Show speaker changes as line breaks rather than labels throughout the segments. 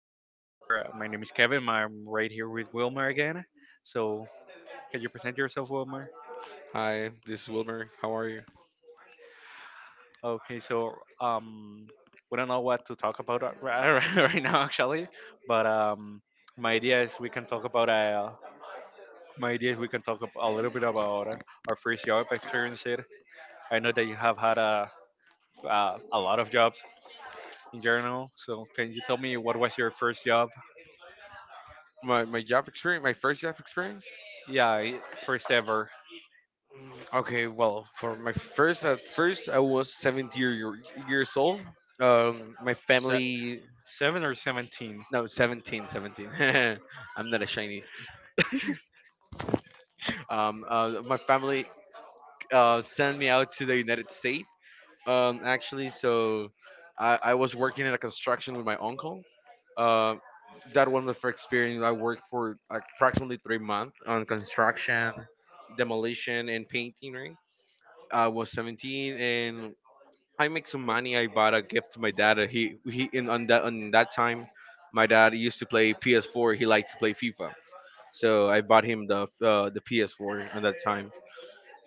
episode where my name is Kevin. I'm right here with Wilmer again. So, can you present yourself, Wilmer?
Hi, this is Wilmer. How are you?
Okay, so um, we don't know what to talk about right right now actually, but my idea is we can talk about my idea is we can talk ab- a little bit about our first job experience. Here, I know that you have had a lot of jobs in general. So, can you tell me what was your first job?
My job experience, my first job experience.
Yeah, first ever.
Mm, okay, well, for my first at first I was 17 years old. My
Se-
family,
seven or seventeen?
no, 17. I'm not a Chinese. My family sent me out to the United States. Actually, so I was working in a construction with my uncle. Uh, that was my first experience. I worked for like, approximately 3 months on construction, demolition, and painting. Right, I was 17, and I make some money. I bought a gift to my dad. He in on that time, my dad used to play PS4. He liked to play FIFA, so I bought him the PS4 on that time,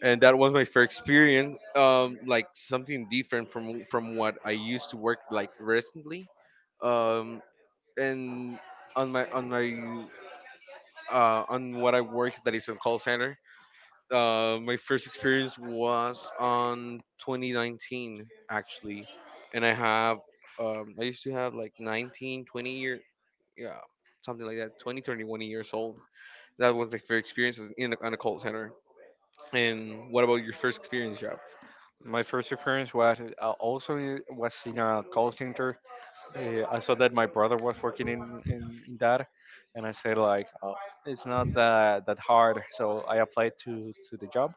and that was my first experience, like something different from what I used to work like recently. um and on my on my on what I work, that is, on call center, my first experience was on 2019, actually. And I have, I used to have like 19, 20 year, yeah, something like that, 20, 21 years old. That was my first experience on a call center. And what about your first experience job?
My first experience was also was in a call center. I saw that my brother was working in that, and I said like, oh, it's not that hard. So I applied to the job.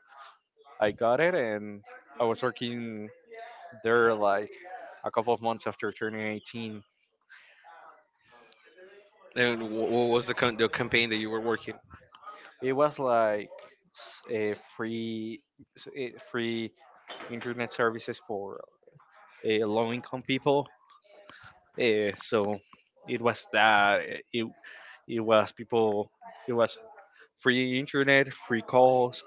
I got it, and I was working there like a couple of months after turning 18.
And what was the campaign that you were working?
It was like a free free internet services for low income people. So it was that It was people. It was free internet, free calls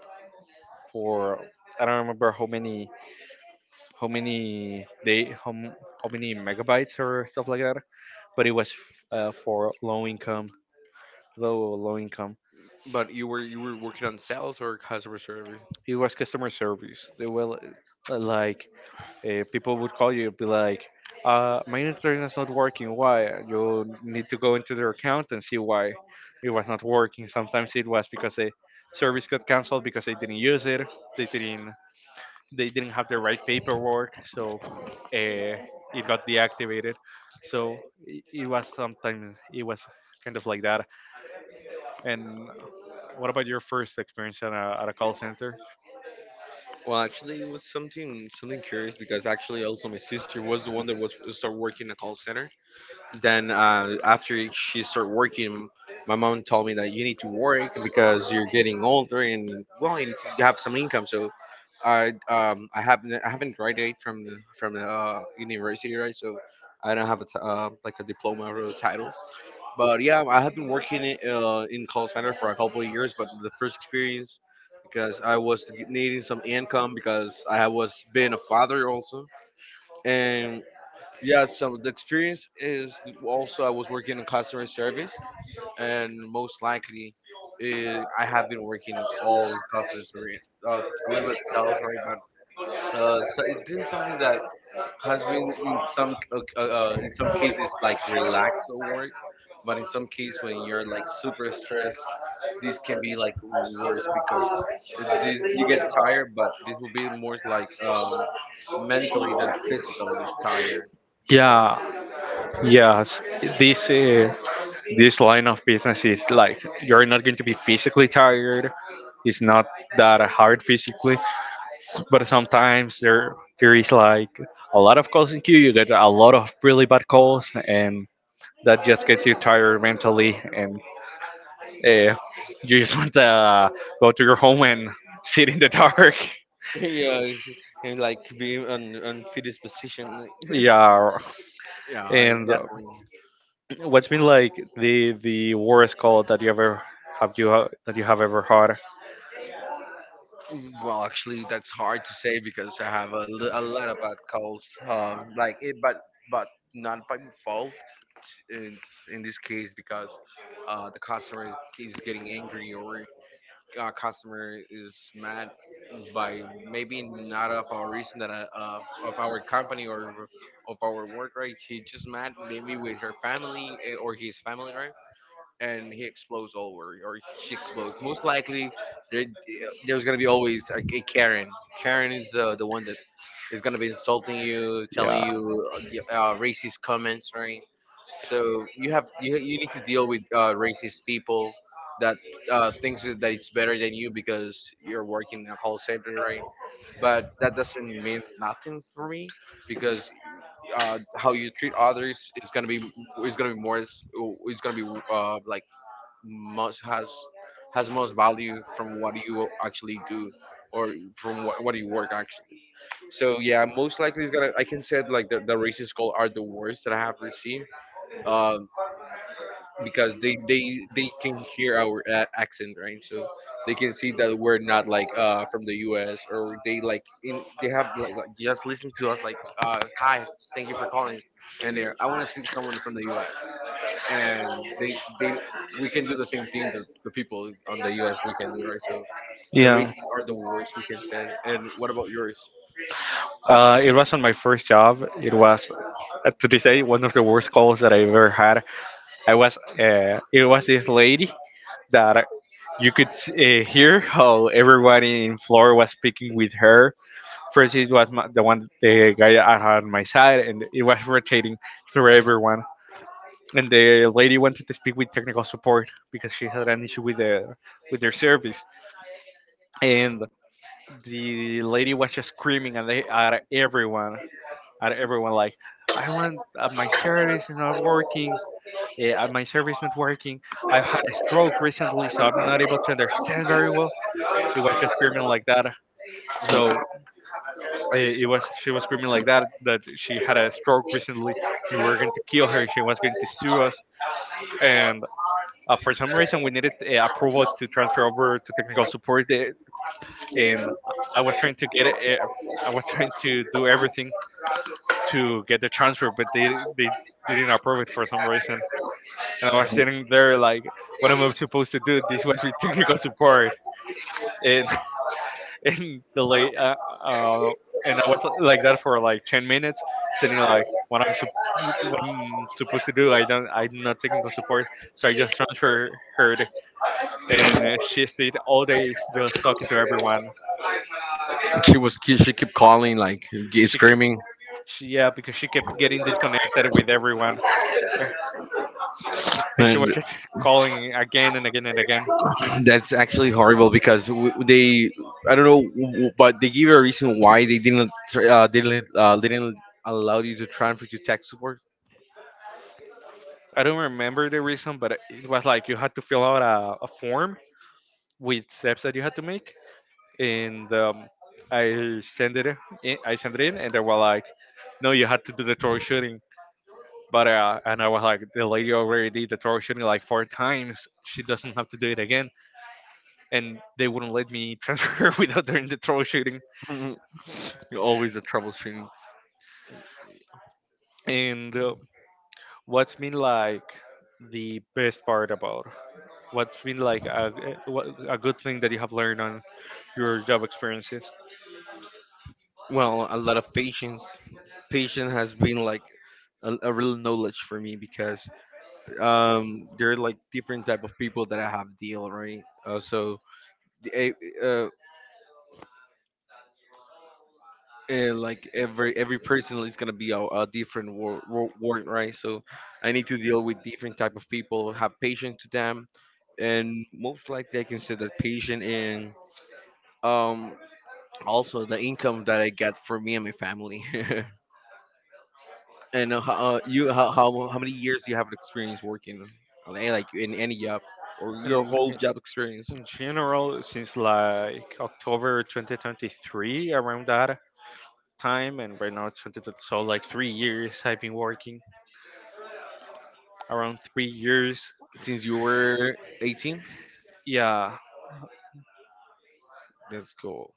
for I don't remember how many how many day how, m- how many megabytes or stuff like that. But it was for low income, low income.
But you were working on sales or customer service?
It was customer service. They were like people would call you be like, my internet is not working. Why? You need to go into their account and see why it was not working. Sometimes it was because the service got canceled because they didn't use it. they didn't they didn't have the right paperwork, so uh, it got deactivated. So it was, sometimes it was kind of like that. And what about your first experience at at a call center?
Well, actually, it was something curious, because actually also my sister was the one that was started working in a call center. Then, after she started working, my mom told me that you need to work because you're getting older, and, well, you need to have some income. So I haven't graduated from university, right, so I don't have like a diploma or a title. But yeah, I have been working in call center for a couple of years, but the first experience, because I was needing some income, because I was being a father also, and yeah, so the experience is, also I was working in customer service, and most likely, I have been working all in customer service, uh, a little bit sales, right? But so it is something that has been in some cases like relaxed at work, but in some cases when you're like super stressed, this can be like worse, because this you get tired, but this will be more like, mentally than physically tired.
Yeah, yes, this uh, this line of business is like you're not going to be physically tired. It's not that hard physically, but sometimes there is like a lot of calls in queue. You get a lot of really bad calls, and that just gets you tired mentally, and uh, you just want to go to your home and sit in the dark.
Yeah, and like be on fitness position.
Yeah,
Yeah, I
and
definitely.
what's been like the worst call that you ever that you have ever had?
Mm, well, actually, that's hard to say because I have a lot of bad calls. Like it, but but not by fault in in this case, because the customer is getting angry, or customer is mad, by maybe not of our reason, that, of our company or of our work, right. He just mad maybe with her family, or his family, right, and he explodes all over, or she explodes. Most likely, there, there's gonna be always like a Karen. Karen is the one that is gonna be insulting you, telling you, racist comments, right? So you need to deal with racist people that, thinks that it's better than you because you're working in a call center, right? But that doesn't mean nothing for me, because how you treat others is gonna be more, is gonna be like most has most value from what you actually do, or from what you work actually. So yeah, most likely, it's gonna I can say, like, the racist call are the worst that I have received, um because they can hear our, accent, right, so they can see that we're not like, from the US, or they like in they have like just listen to us like, hi, thank you for calling. And there I want to speak to someone from the US, and they we can do the same thing that the people on the U.S. we can do, right? So the
Yeah.
rates are the worst, we can say. And what about yours?
It was on my first job. It was to this day one of the worst calls that I ever had. I was it was this lady that you could hear how everyone in floor was speaking with her. First, it was the one the guy I had on my side, and it was rotating through everyone. And the lady wanted to speak with technical support because she had an issue with the with their service, and the lady was just screaming at everyone like, "I want my service is not working. My service not working. I've had a stroke recently, so I'm not able to understand very well." It was just screaming like that. So it was she was screaming like that that she had a stroke recently. We were going to kill her. She was going to sue us. And for some reason, we needed approval to transfer over to technical support. And I was trying to get it. I was trying to do everything to get the transfer, but they didn't approve it for some reason. And I was sitting there like, what am I supposed to do? This was with technical support. And in the late uh, and I was like that for like 10 minutes, sitting like what I'm supposed to do. I don't, I'm not technical support, so I just transfer her, and she stayed all day just talking to everyone.
She kept calling like,
She kept,
screaming.
yeah, because she kept getting disconnected with everyone, and she
Man,
was just calling again and again and again.
that's actually horrible, because w- they i don't know, but they give you a reason why they didn't tr- they didn't allow you to transfer to tech support.
I don't remember the reason, but it was like you had to fill out a form with steps that you had to make, and I sent it. I sent it in, and they were like, "No, you had to do the torture shooting." But and I was like, "The lady already did the torture shooting like four times. She doesn't have to do it again." And they wouldn't let me transfer without doing the torture shooting.
Mhm. You're always the troubleshooting.
And what's been like the best part about what's been like a what- a good thing that you have learned on your job experiences?
Well, a lot of patience. Patience has been like a real knowledge for me, because there are like different type of people that I have deal, right, so, the- uh, uh, like, every person is gonna be a different word, right, so I need to deal with different type of people, have patience to them, and most likely I consider patient in, um also the income that I get for me and my family. And ho- you how, how many years do you have experience working on, like, in any job, or your
And
whole job experience?
in general since like October 2023 around that time, and right now it's 2020, so like 3 years I've been working, around 3 years.
Since you were 18?
Yeah.
That's cool.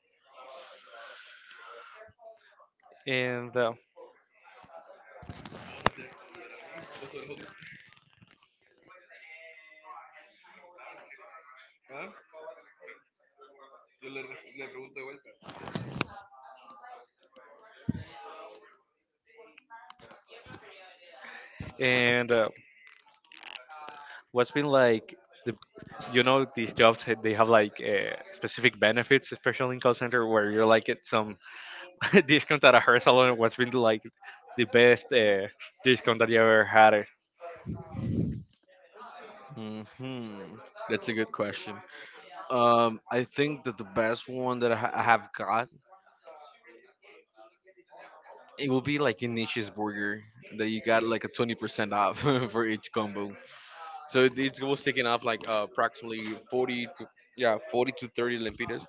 And and uh, what's been like the you know these jobs they have like specific benefits, especially in call center where you're like get some discount at a hair salon. What's been like the best discount that you ever had, eh?
Hmm, that's a good question. I think that the best one that I have got, it will be like a niche's burger that you got like a 20% off for each combo. So it was taking off like, approximately 40 to, yeah, 40 to 30 lempiras.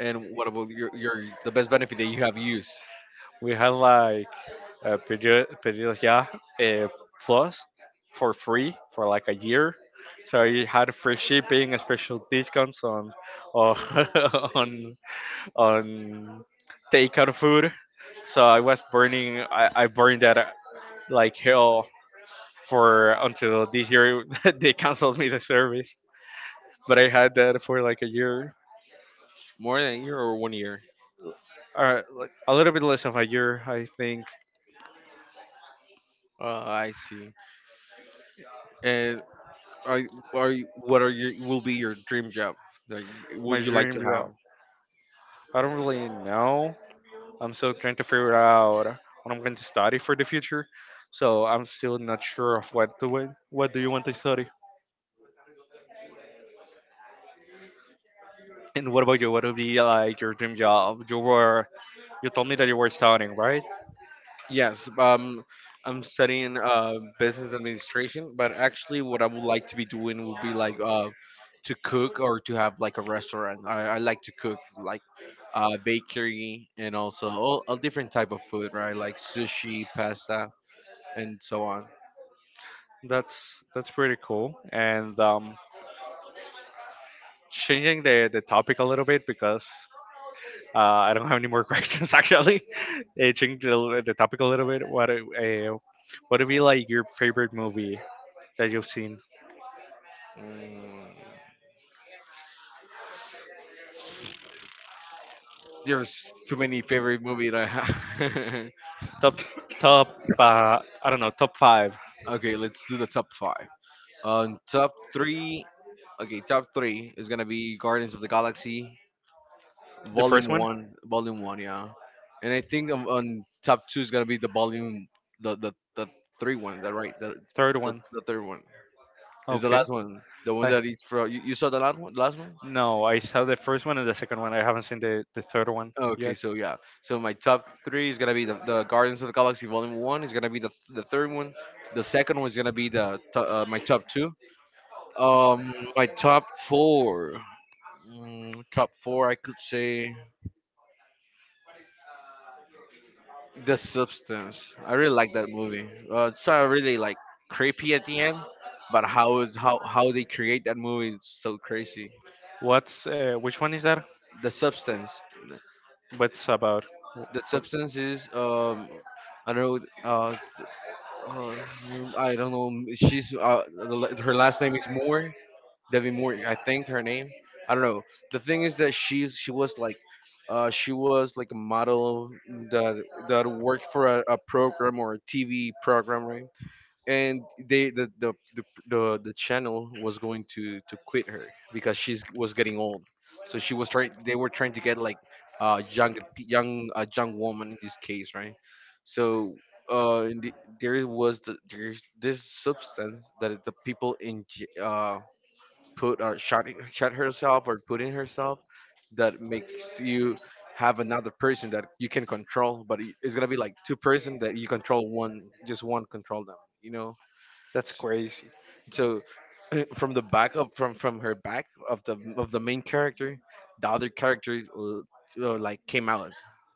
And what about your the best benefit that you have used?
We had like a period, yeah, uh, plus for free for like a year, so you had free shipping and special discounts on on, on takeout food, so I was burning I burned that like hell for until this year they canceled me the service, but I had that for like a year.
More than a year or 1 year?
Like a little bit less of a year, I think.
I see. And Are what are your will be your dream job that will
My
you like
dream
to have?
job, I don't really know. I'm still trying to figure out what I'm going to study for the future. So I'm still not sure of what to win. What do you want to study? And what about you? What would be like your dream job? You were, you told me that you were studying, right?
Yes, I'm studying, business administration, but actually, what I would like to be doing would be like, to cook, or to have like a restaurant. I like to cook like, bakery, and also all different type of food, right? Like sushi, pasta, and so on.
That's pretty cool. And changing the topic a little bit because uh, I don't have any more questions actually. Changing the topic a little bit. What would be like your favorite movie that you've seen?
Mm, there's too many favorite movie that I have.
Top, top I don't know, top five.
Okay, let's do the top five. On top three, okay, top three is gonna be Guardians of the Galaxy,
The
Volume
first one?
One, Volume One, yeah. And I think on top two is gonna be the Volume, the three one, that right, the,
Third
the
one.
the third one is the
Okay.
last one, the one
I,
that eats for you, you saw the last one, last one.
no, I saw the first one and the second one. I haven't seen the third one
Okay,
yet.
so yeah, so my top three is gonna be the Guardians of the Galaxy Volume One, is gonna be the third one, the second one is gonna be my top two. Um, my top four. Mm, top four, I could say, The Substance. I really like that movie. It's not really like creepy at the end, but how is how they create that movie? It's so crazy.
What's which one is that?
The Substance.
What's about? Wh-
The
wh-
Substance is, I don't know. Uh, I don't know. She's, her last name is Moore. Debbie Moore, I think her name. I don't know. The thing is that she was like, she was like a model that worked for a program, or a TV program, right? And the channel was going to quit her because she's was getting old. So she was trying. They were trying to get like, young young a young woman in this case, right? So, and there was the, there's this substance, that the people in, uh, put or shot herself, or put in herself, that makes you have another person that you can control, but it's gonna be like 2 person, that you control one, just one control them you know
That's
S-
crazy.
so, from the back of, from her back, of the main character, the other character is, like, came out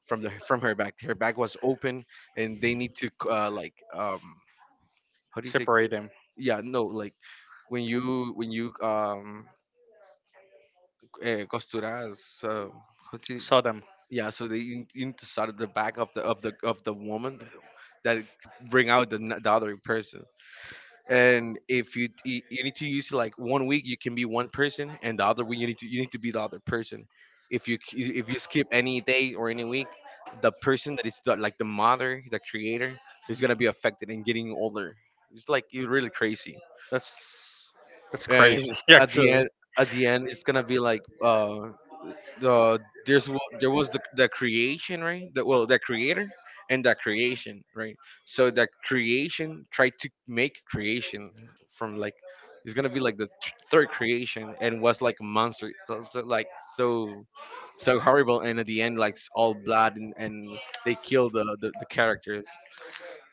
from her back, her back was open, and they need to, like, how do you say?
Separate them.
Yeah, no, like, when you costuras. How to—
Saw them.
Yeah, so they, inside the back of the woman, that bring out the other person. And if you need to use it like 1 week, you can be one person, and the other week you need to be the other person. If if you skip any day or any week, the person that is the, like, the mother, the creator, is gonna be affected and getting older. It's like, you, really crazy.
That's that's
And
crazy
at the
actually.
end, it's gonna be like the there's there was the creation, right? That well the creator and the creation, right? So the creation tried to make creation from, like, it's gonna be like the third creation and was like a monster. So so horrible, and at the end like it's all blood and they kill the characters.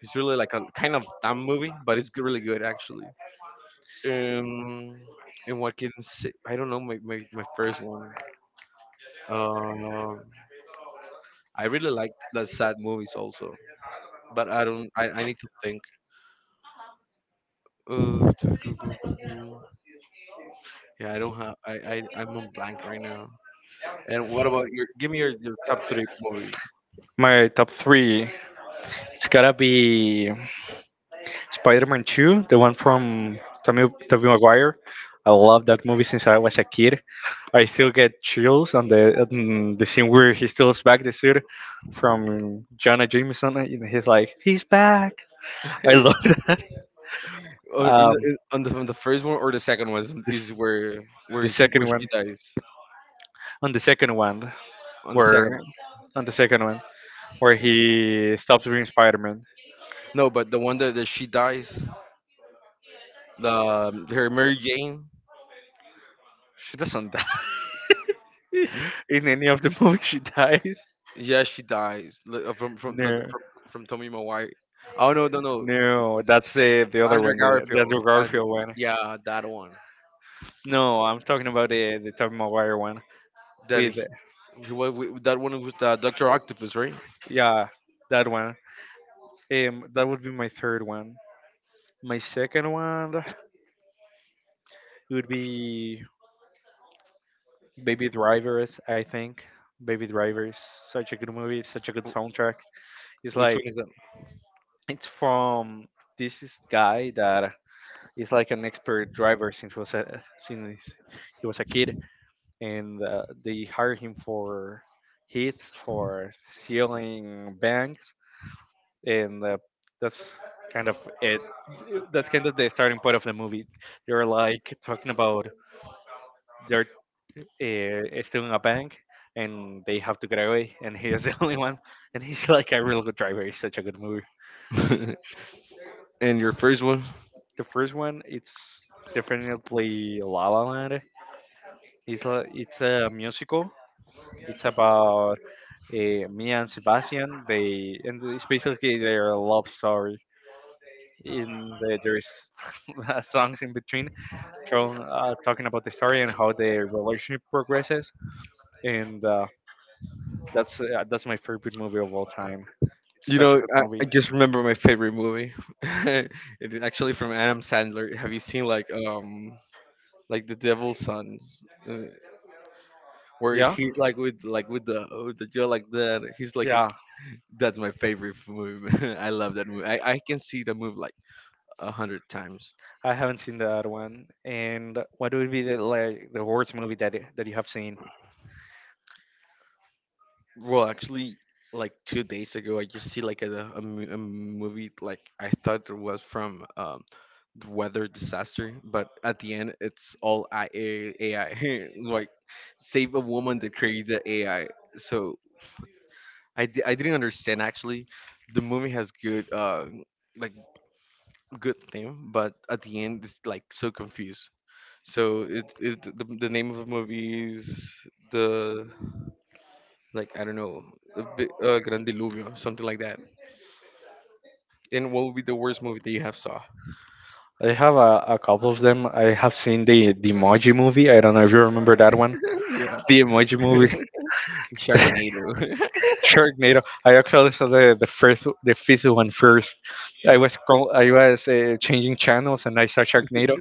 It's really like a kind of dumb movie, but it's really good actually. um and what can say, I don't know. My first one. um I really like the sad movies also, but I don't. I need to think. Uh, yeah, I don't have. I'm on blank right now. And what about your? Give me your, top three movies.
My top three. It's gotta be Spider-Man 2, the one from Tommy Tobey Maguire. I love that movie since I was a kid. I still get chills on the scene where he steals back the suit from Jonah Jameson, and he's like, "He's back!" I love that.
Or in the
Um,
on the first one or the second one
this
is, where,
the second
where she
one,
dies
on the second one,
on the second one.
where on the second one where he stops being Spider-Man.
No, but the one that, that she dies, the her Mary Jane.
She doesn't die
Hmm?
in any of the movies. She dies.
Yeah, she dies from the,
No,
from Tommy Maguire. Oh, no.
no, that's the other
Andrew
one, the
Garfield.
Andrew
Andrew,
Garfield one.
yeah, that one.
No, I'm talking about the Tobey Maguire one
That
with,
he, he was with, that one with Doctor Octopus, right?
yeah, that one. That would be my third one. My second one would be Baby Drivers. I think Baby Drivers, such a good movie, such a good
Wh-
soundtrack. It's
Which one
like,
is
it's from, this is guy that is like an expert driver since was since he was a kid, and they hire him for hits for stealing banks, and that's kind of it. That's kind of the starting point of the movie. They're like talking about, they're still in a bank, and they have to get away, and he is the only one, and he's like a real good driver. It's such a good movie.
that? And your first one?
The first one, it's definitely La La Land. It's it's a musical. It's about me and Sebastian, they, and it's basically their love story. In the, there's songs in between shown, talking about the story and how their relationship progresses, and that's that's my favorite movie of all time. It's
You
such a
know,
good movie.
I just remember my favorite movie. It's actually from Adam Sandler. Have you seen like The Devil's Son, uh, where
Yeah,
he's like with the girl like that? He's like a,
yeah.
that's my favorite movie. I love that movie. I can see the movie like 100 times.
I haven't seen the other one. And what would be the like the worst movie that that you have seen?
Well, actually, like 2 days ago, I just see like a movie like I thought it was from the weather disaster, but at the end, it's all AI. Like, save a woman that created the AI. So, I didn't understand actually. The movie has good like good theme, but at the end, it's like so confused. So it's the name of the movie is the like I don't know, a Gran Diluvio, something like that. And what would be the worst movie that you have saw?
I have a couple of them. I have seen the Emoji movie. I don't know if you remember that one.
Yeah,
The Emoji movie,
Sharknado.
Sharknado. I actually saw the first, the fifth one first. I was changing channels and I saw Sharknado,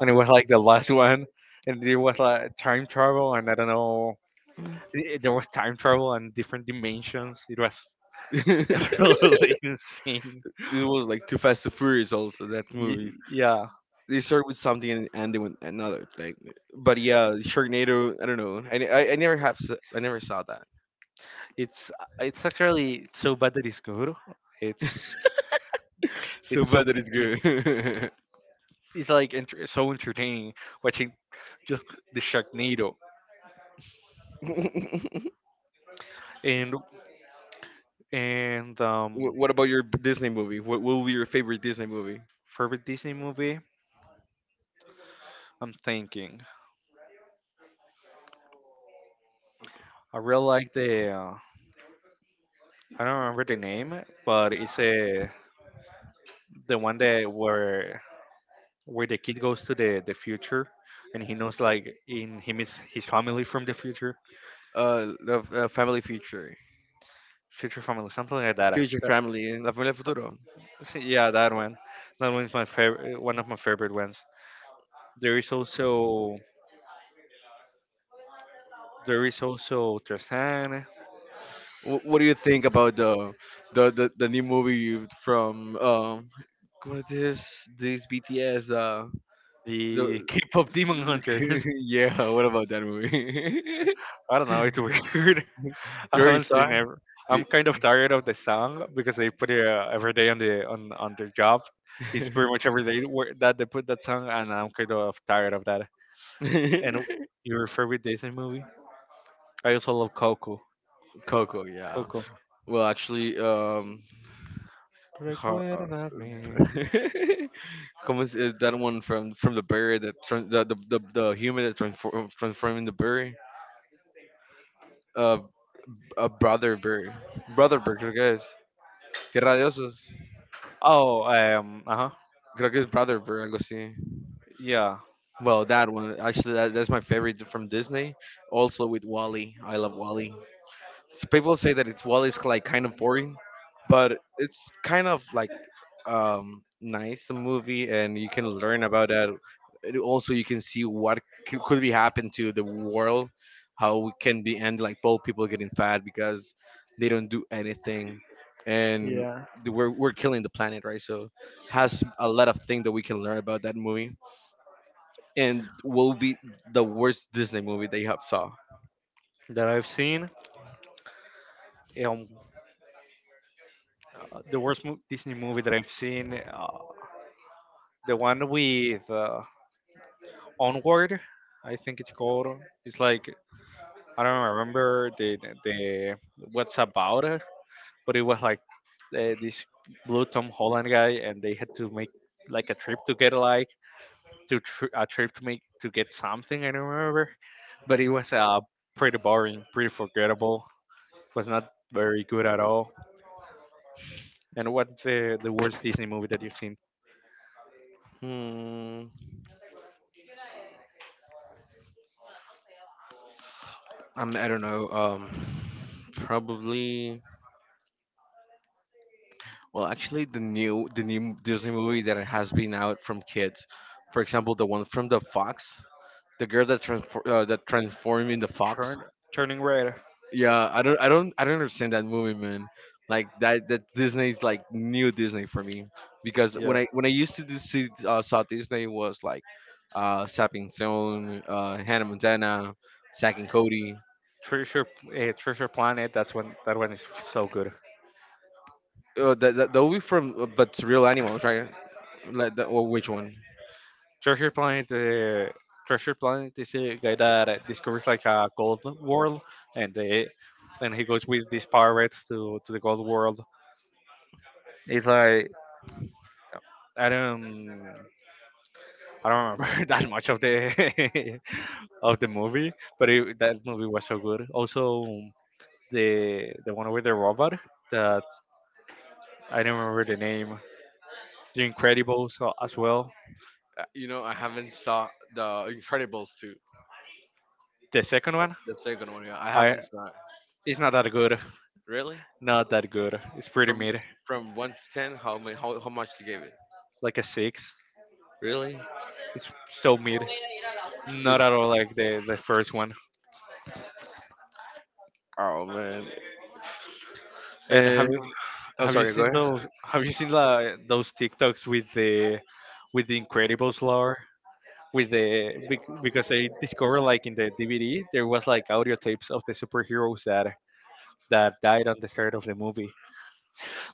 and it was like the last one, and it was like time travel and I don't know, there was time travel and different dimensions. It was
This
absolutely insane.
was like Too Fast to Furious. Also, that movies
Y- yeah,
they start with something and end with another. It's like, but yeah, Sharknado. I don't know. I never have. I never saw that.
it's it's actually so bad that it's good. It's
So
it's so
bad that it's good.
it's like so entertaining watching just the Sharknado. And and um
What about your Disney movie? What will be your favorite Disney movie?
favorite Disney movie. I'm thinking. I really like the I don't remember the name, but it's a the one that where the kid goes to the future, and he knows like in him is his family from the future.
The Family Feature.
Future family, something like that.
Future Family, La Familia Futuro.
So, yeah, that one. That one's my favorite, one of my favorite ones. there is also there is also Tristan.
What do you think about the new movie from what is this BTS the
The K-pop Demon Hunters.
yeah, what about that movie?
I don't know, it's weird. I
You already
haven't
saw
seen ever. I'm
it?
kind of tired of the song because they put it every day on the on their job. It's pretty much every day that they put that song, and I'm kind of tired of that.
You
And your favorite Disney movie? I also love Coco.
Coco, yeah.
Coco.
Well, actually, har- uh,
Recuérdame.
Como is that one from the bird that tran the human that transforming the bird? Uh, a Brotherberg. Brotherberg creo que es. Tierra de Osos.
Oh, uh huh.
Creo que es Brotherberg, algo así.
Yeah,
Well, that one. Actually, that's my favorite from Disney. Also with Wally. I love Wally. People say that it's, well, it's like kind of boring, but it's kind of like nice a movie, and you can learn about that. And also you can see what could be happen to the world, how it can be end, like both people getting fat because they don't do anything. And
yeah.
we're killing the planet, right? So has a lot of things that we can learn about that movie. And will be the worst Disney movie they have saw.
That I've seen. Um, the worst Disney movie that I've seen, the one with Onward, I think it's called. It's like, I don't remember the what's about it, but it was like, this blue Tom Holland guy, and they had to make like a trip together, like a trip to make to get something. I don't remember, but it was pretty boring, pretty forgettable. Was not very good at all. And what's the worst Disney movie that you've seen?
hmm I don't know. Probably. Well, actually, the new Disney movie that has been out from kids, for example, the one from the Fox, the girl that transform that transformed into fox.
Turn Turning Red.
Yeah, I don't understand that movie, man. Like that, that Disney's like new Disney for me, because
Yeah.
when I, used to do, see saw Disney was like, Sapping Zone, Hannah Montana, Zack and Cody.
Treasure Treasure Planet. That's one. That one is so good.
That would be from but it's real animals, right? Like the, well, which one?
Treasure Planet. Treasure Planet is a guy that discovers like a gold world, and they, and he goes with these pirates to the gold world. It's like, I don't. I don't remember that much of the of the movie, but that movie was so good. Also, the one with the robot that I don't remember the name. The Incredibles as well.
You know, I haven't saw the Incredibles two,
The second one,
the second one. Yeah, I
I
haven't saw it.
it's not that good.
Really?
Not that good. It's pretty
From
mid,
1 to 10, how many? How much you gave it?
like a six.
Really?
It's so mid. Not
It's,
at all like the first one.
oh man.
And
Uh, oh,
have you
sorry. Go
seen those?
ahead.
Have you seen those TikToks with the Incredibles lore? Because I discovered, like, in the DVD there was like audio tapes of the superheroes that died on the start of the movie.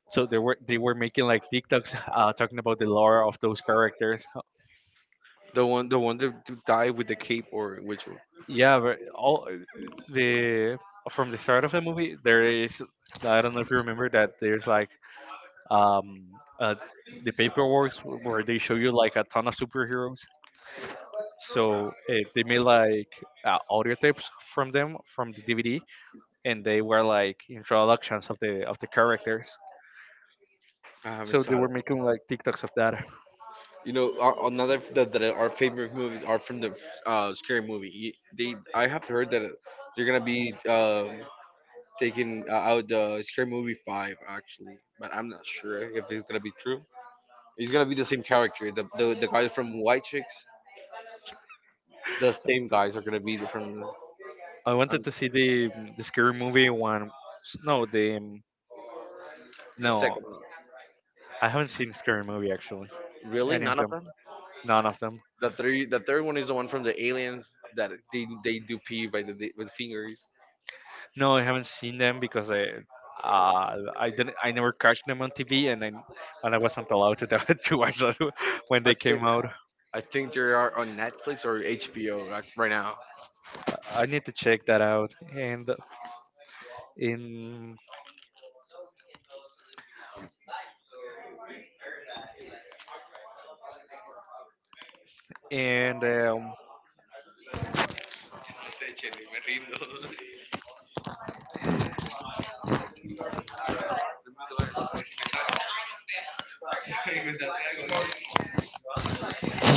So they were making like TikToks talking about the lore of those characters.
The one, that to die with the cape or which one?
Yeah, but all the from the start of the movie there is, I don't know if you remember, that there's like um uh, the paperwork where they show you like a ton of superheroes. So they made like audio tapes from them from the DVD, and they were like introductions of the characters.
I haven't
So they
saw
were
it.
making like TikToks of that.
You know, another that our favorite movies are from the scary movie. They, I have heard that they're gonna be, taking out the Scary Movie 5 actually, but I'm not sure if it's gonna be true. It's gonna be the same character. The guys from White Chicks, the same guys are gonna be from the,
I
on
wanted to see the scary movie one. No, the
the
no,
second one.
I haven't seen scary movie actually.
Really,
Any of
none of
them?
them.
None of them.
The third one is the one from the aliens that they do pee by the with fingers.
No, I haven't seen them because I. I didn't. I never catch them on TV, and I wasn't allowed to to watch them when
I
they
think
came out.
I think they are on Netflix or HBO right now.
I need to check that out. And in and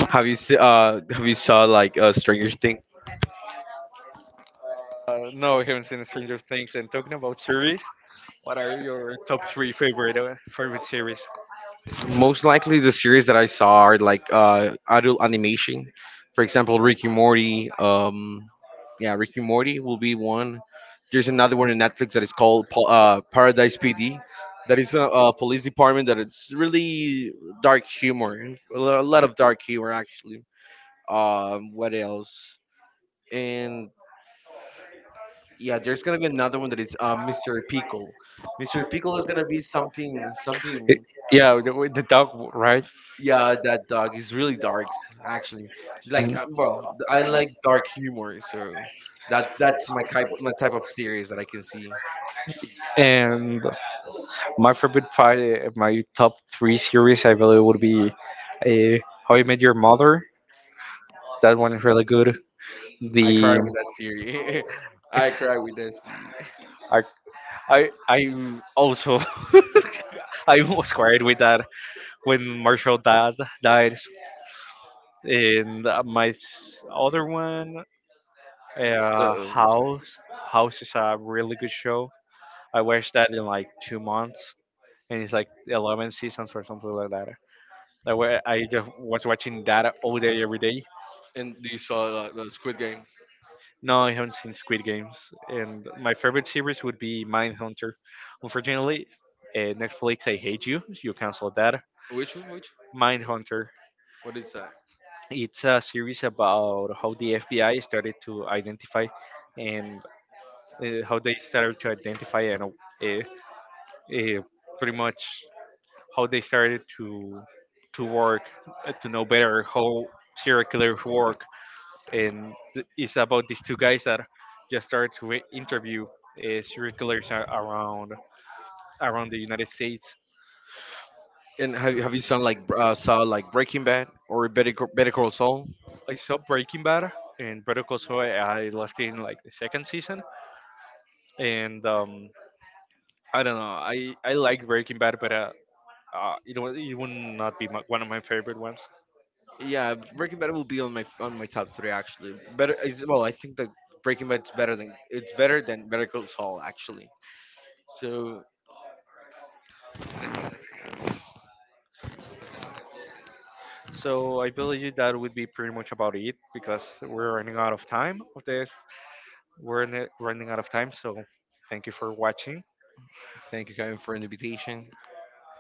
Have you have you saw like Stranger Things?
No, I haven't seen Stranger Things. And talking about series, what are your top three favorite, favorite series?
Most likely the series that I saw are like adult animation. For example, Ricky Morty. Yeah, Ricky Morty will be one. There's another one on Netflix that is called Paradise PD. That is a police department that it's really dark humor, a a lot of dark humor actually. What else? And yeah, there's gonna be another one that is Mr. Pickle. Mr. Pickle is gonna be something,
Y-
something.
Yeah, with the dog, right?
Yeah, that dog is really dark, actually. Like,
Mm.
well, I like dark humor, so that's my type, of series that I can see.
And my favorite part, my top three series, I believe, would be uh, How I Met Your Mother. That one is really good.
I cry
The
with that series. I cry with that series.
I I also I was cried with that when Marshall dad died. And my other one.
The, the-
House. House is a really good show. I watched that in like 2 months, and it's like 11 seasons or something like that. That way, I just was watching that all day, every day.
and you saw the Squid Game.
No, I haven't seen Squid Games, and my favorite series would be Mindhunter. Unfortunately, Netflix, I hate you, so you canceled that.
Which one? Which?
Mindhunter.
What is that?
It's a series about how the FBI started to identify, and how they started to identify, and uh, pretty much how they started to work, to know better how serial killers work. And it's about these two guys that just started to interview, serial killers around the United States.
And have you have you seen like saw like Breaking Bad or Better Call Saul?
I saw Breaking Bad, and Better Call Saul I left in like the second season. And I don't know, I like Breaking Bad, but it would not be one of my favorite ones.
Yeah, Breaking Bad will be on my top three actually. Better is, well, I think that Breaking Bad's better than, it's better than Better Call Saul actually. So
So I believe that would be pretty much about it because we're running out of time of this. We're running out of time, so thank you for watching.
thank you, Karen, for an invitation.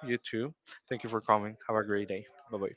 You too. Thank you for coming. Have a great day. Bye bye.